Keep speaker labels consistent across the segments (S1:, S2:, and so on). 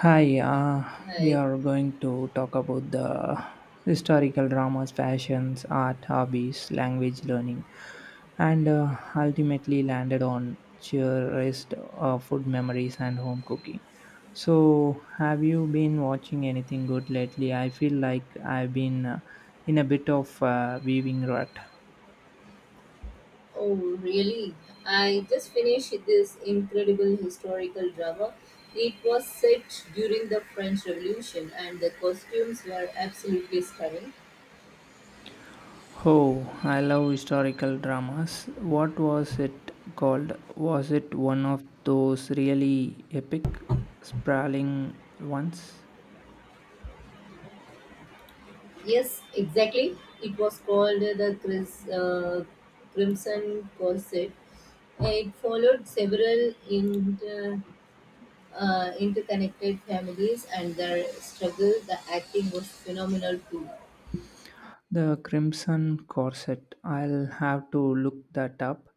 S1: Hi, we
S2: Hi.
S1: are going to talk about the historical dramas, fashions, art, hobbies, language learning, and ultimately landed on cherished food memories and home cooking. So, have you been watching anything good lately? I feel like I've been in a bit of weaving rut.
S2: Oh, really? I just finished this incredible historical drama. It was set during the French Revolution and the costumes were absolutely stunning.
S1: Oh, I love historical dramas. What was it called? Was it one of those really epic, sprawling ones?
S2: Yes, exactly. It was called the Crimson Corset. It followed several interconnected families and their struggle. The acting was phenomenal too.
S1: The Crimson Corset. I'll have to look that up.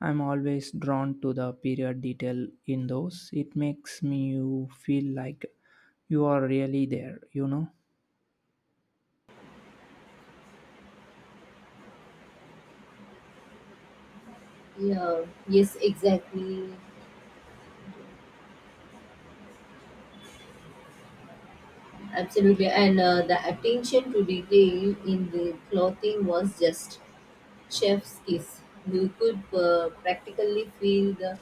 S1: I'm always drawn to the period detail in those. It makes me you feel like you are really there, you know?
S2: Yeah, yes, exactly. Absolutely, and the attention to detail in the clothing was just chef's kiss. You could practically feel the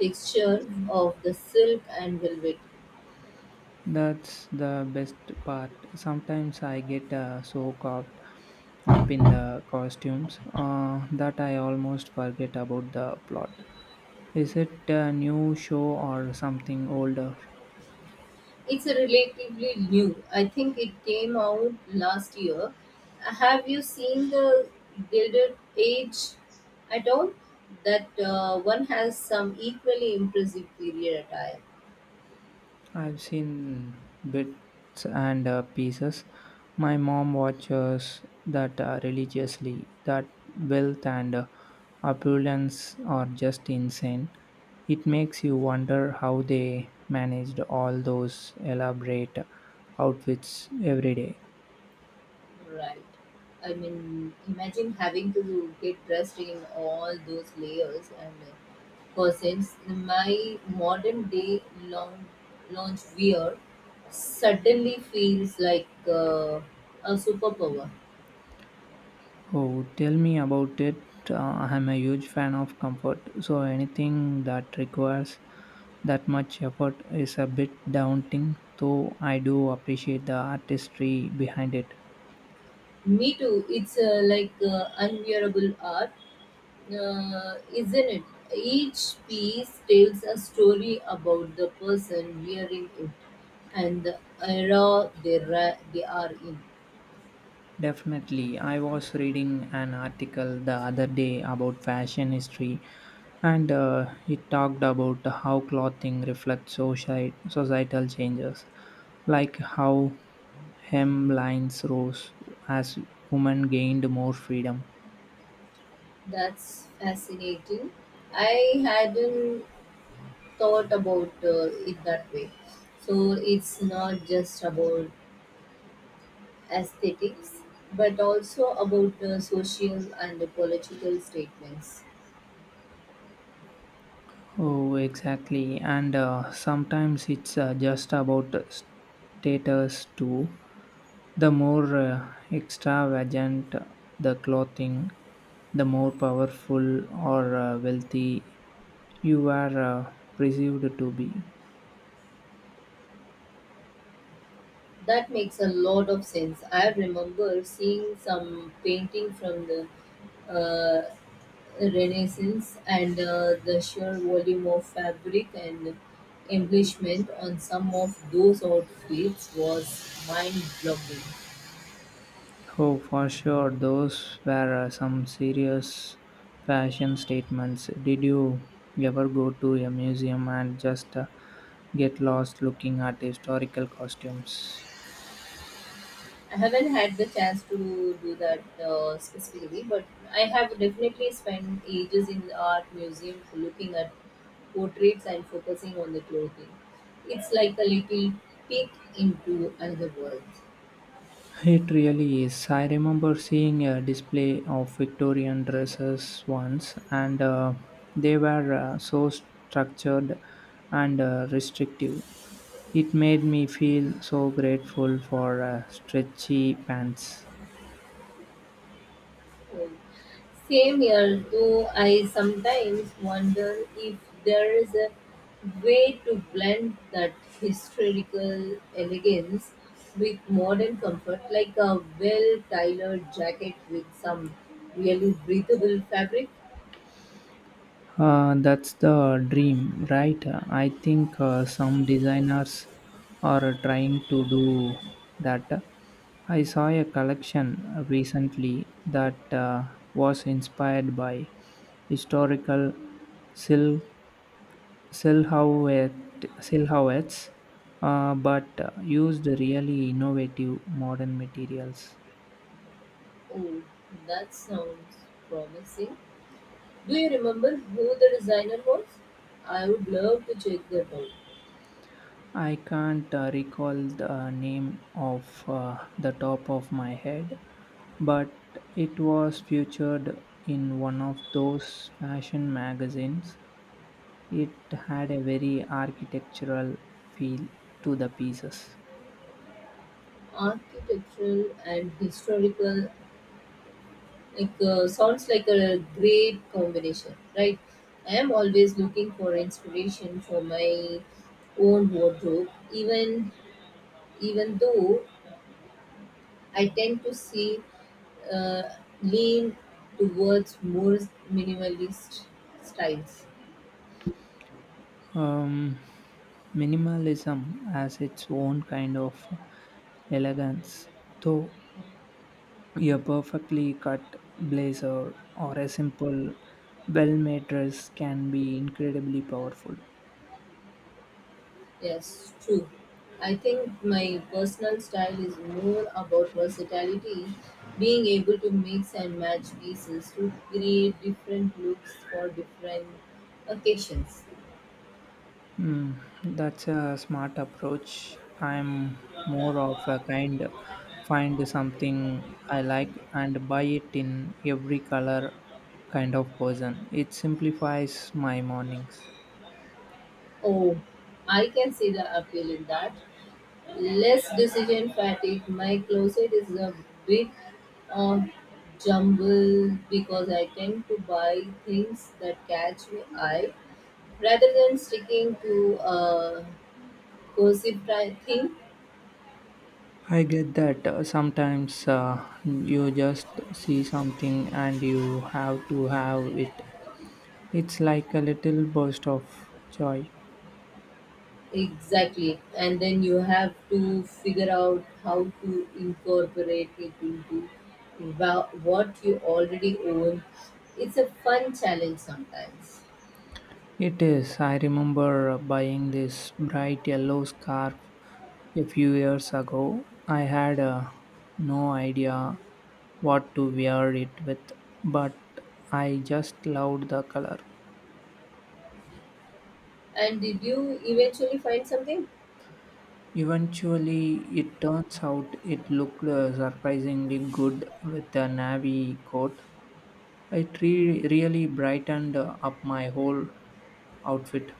S2: texture of the silk and velvet.
S1: That's the best part. Sometimes I get so caught up in the costumes that I almost forget about the plot. Is it a new show or something older?
S2: It's a relatively new. I think it came out last year. Have you seen the Gilded Age at all? That one has some equally impressive period attire.
S1: I've seen bits and pieces. My mom watches that religiously. That wealth and opulence are just insane. It makes you wonder how they managed all those elaborate outfits every day.
S2: Right. I mean, imagine having to get dressed in all those layers and corsets. My modern day long lounge wear suddenly feels like a superpower.
S1: Oh, tell me about it. I'm a huge fan of comfort, so anything that requires that much effort is a bit daunting, though I do appreciate the artistry behind it.
S2: Me too. It's like unwearable art, isn't it? Each piece tells a story about the person wearing it and the era they are in.
S1: Definitely. I was reading an article the other day about fashion history, and it talked about how clothing reflects societal changes, like how hemlines rose as women gained more freedom.
S2: That's fascinating. I hadn't thought about it that way. So it's not just about aesthetics, but also about social and political statements.
S1: Oh, exactly. And sometimes it's just about status too. The more extravagant the clothing, the more powerful or wealthy you are perceived to be.
S2: That makes a lot of sense. I remember seeing some painting from the uh, Renaissance and the sheer volume of fabric and embellishment on some of those outfits was mind-blowing.
S1: Oh, for sure, those were some serious fashion statements. Did you ever go to a museum and just get lost looking at historical costumes?
S2: I haven't had the chance to do that specifically, but I have definitely spent ages in the art museum looking at portraits and focusing on the clothing. It's like a little peek into another world.
S1: It really is. I remember seeing a display of Victorian dresses once, and they were so structured and restrictive. It made me feel so grateful for stretchy pants.
S2: Same here. Though, I sometimes wonder if there is a way to blend that historical elegance with modern comfort, like a well tailored jacket with some really breathable fabric.
S1: That's the dream, right? I think some designers are trying to do that. I saw a collection recently that was inspired by historical sil- silhouettes, but used really innovative modern materials.
S2: Oh, that sounds promising. Do you remember who the designer was? I would love to check that out.
S1: I can't recall the name of the top of my head, but it was featured in one of those fashion magazines. It had a very architectural feel to the pieces.
S2: Architectural and historical like sounds like a great combination, right? I am always looking for inspiration for my own wardrobe, even though I tend to see uh, lean towards more minimalist styles.
S1: Um, Minimalism has its own kind of elegance, though a perfectly cut blazer or a simple, well made dress can be incredibly powerful.
S2: Yes, true. I think my personal style is more about versatility, being able to mix and match pieces to create different looks for different occasions.
S1: Hmm, that's a smart approach. I'm more of a kind find something I like and buy it in every color kind of person. It simplifies my mornings.
S2: Oh, I can see the appeal in that. Less decision fatigue. My closet is a big uh, jumble because I tend to buy things that catch my eye rather than sticking to a cohesive thing.
S1: I get that sometimes you just see something and you have to have it. It's like a little burst of joy.
S2: Exactly. And then you have to figure out how to incorporate it into what you already own. It's a fun challenge sometimes.
S1: It is. I remember buying this bright yellow scarf a few years ago. I had no idea what to wear it with, but I just loved the color.
S2: And did you eventually find something?
S1: Eventually, it turns out it looked surprisingly good with the navy coat. It really brightened up my whole outfit.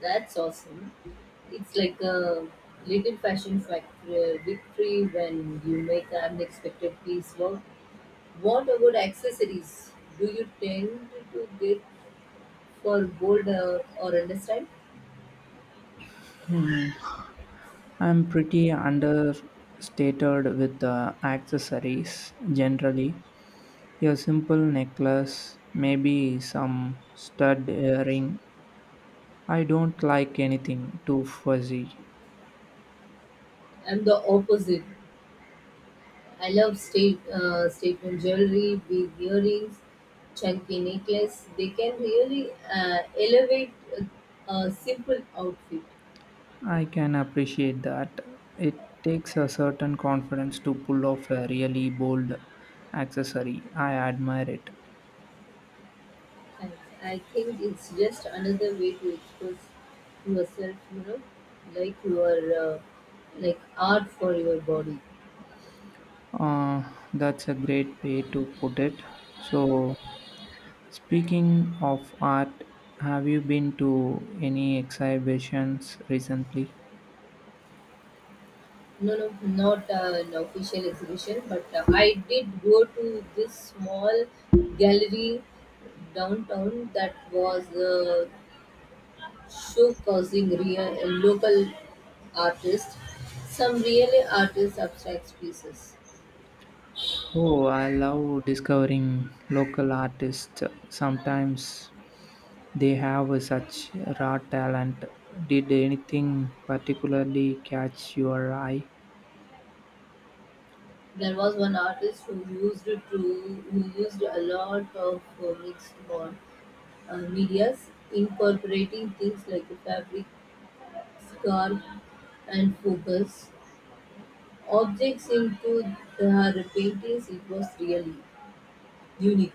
S2: That's awesome. It's like a little fashion factory victory when you make an unexpected piece work. What about accessories? Do you tend to get for bold or understand?
S1: I'm pretty understated with the accessories generally. A simple necklace, maybe some stud earring, I don't like anything too fuzzy.
S2: I'm the opposite. I love statement jewelry, big earrings, chunky necklace. They can really elevate a simple outfit.
S1: I can appreciate that. It takes a certain confidence to pull off a really bold accessory. I admire it.
S2: I, I think it's just another way to express yourself. You know, like your like art for your body.
S1: Uh, that's a great way to put it. So, speaking of art, have you been to any exhibitions recently?
S2: No, no, not an official exhibition, but I did go to this small gallery downtown that was show causing real local artists some really artist abstract pieces.
S1: Oh, I love discovering local artists. Sometimes they have such raw talent. Did anything particularly catch your eye?
S2: There was one artist who used a lot of mixed medias, incorporating things like fabric, scarf, and focus objects into her paintings. It was really unique.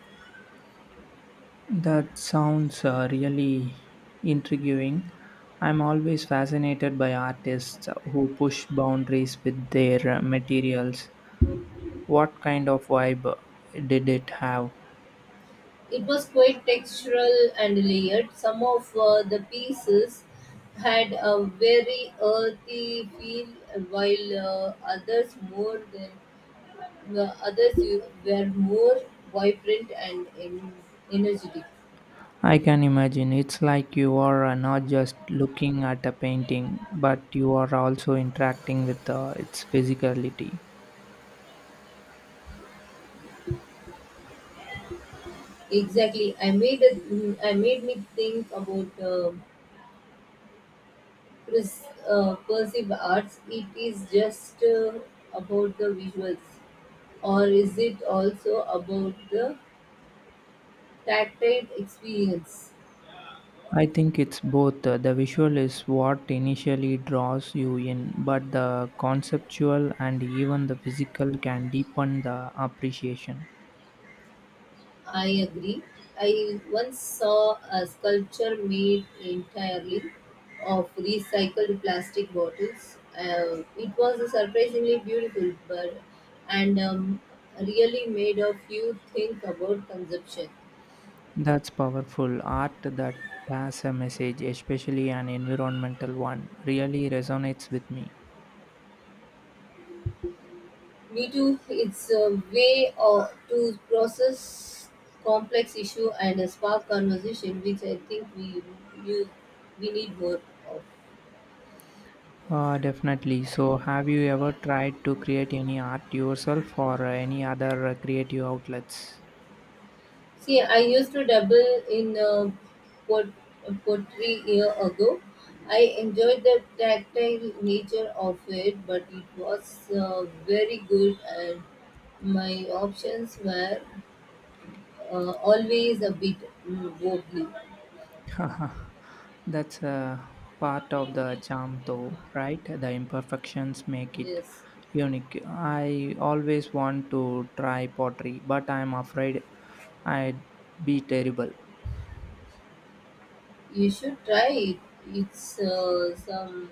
S1: That sounds really intriguing. I'm always fascinated by artists who push boundaries with their materials. What kind of vibe did it have?
S2: It was quite textural and layered; some of the pieces had a very earthy feel, while others more than the were more vibrant and energetic.
S1: I can imagine. It's like you are not just looking at a painting, but you are also interacting with its physicality.
S2: Exactly, I made me think about perceived arts. It is just about the visuals, or is it also about the tactile experience?
S1: I think it's both. The visual is what initially draws you in, but the conceptual and even the physical can deepen the appreciation.
S2: I agree. I once saw a sculpture made entirely of recycled plastic bottles. It was surprisingly beautiful, but and really made a few think about consumption.
S1: That's powerful. Art that has a message, especially an environmental one, really resonates with me.
S2: Me too. It's a way to process complex issue and a spark conversation, which I think you, we need more of.
S1: Definitely. So, have you ever tried to create any art yourself or any other creative outlets?
S2: See, I used to dabble in pot- pottery year ago. I enjoyed the tactile nature of it, but it was very good, and my options were always a bit wobbly.
S1: Haha, that's a part of the charm, though, right? The imperfections make it
S2: Yes,
S1: unique. I always want to try pottery, but I'm afraid I'd be terrible.
S2: you should try it. It's some.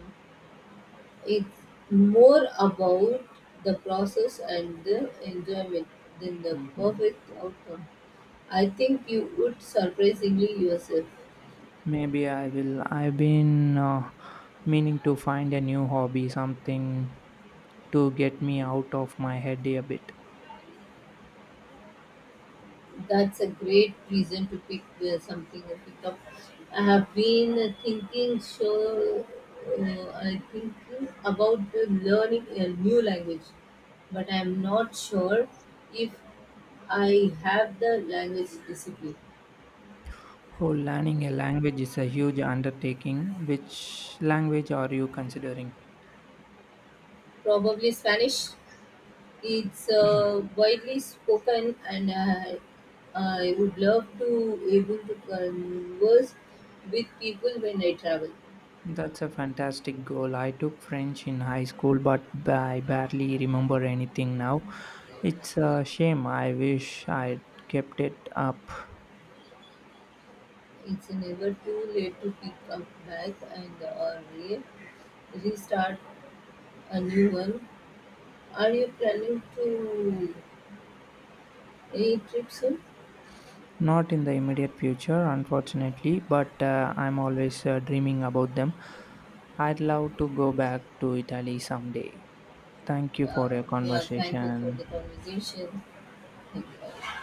S2: It's more about the process and the enjoyment than the
S1: Mm.
S2: perfect outcome. I think you would surprisingly yourself.
S1: Maybe I will. I've been meaning to find a new hobby, something to get me out of my head a bit.
S2: That's a great reason to pick up. I have been thinking so. I thinking about learning a new language, but I'm not sure if I have the language discipline.
S1: Oh, learning a language is a huge undertaking. Which language are you considering?
S2: Probably Spanish. It's widely spoken, and I would love to able to converse with people when I travel.
S1: That's a fantastic goal. I took French in high school, but I barely remember anything now. It's a shame. I wish I kept it up.
S2: It's never too late to pick up back and or restart a new one. Are you planning to any trip soon?
S1: Not in the immediate future, unfortunately, but I'm always dreaming about them. I'd love to go back to Italy someday. Thank you for
S2: Uh,
S1: your
S2: yeah, thank you for
S1: conversation.
S2: the conversation. Thank you.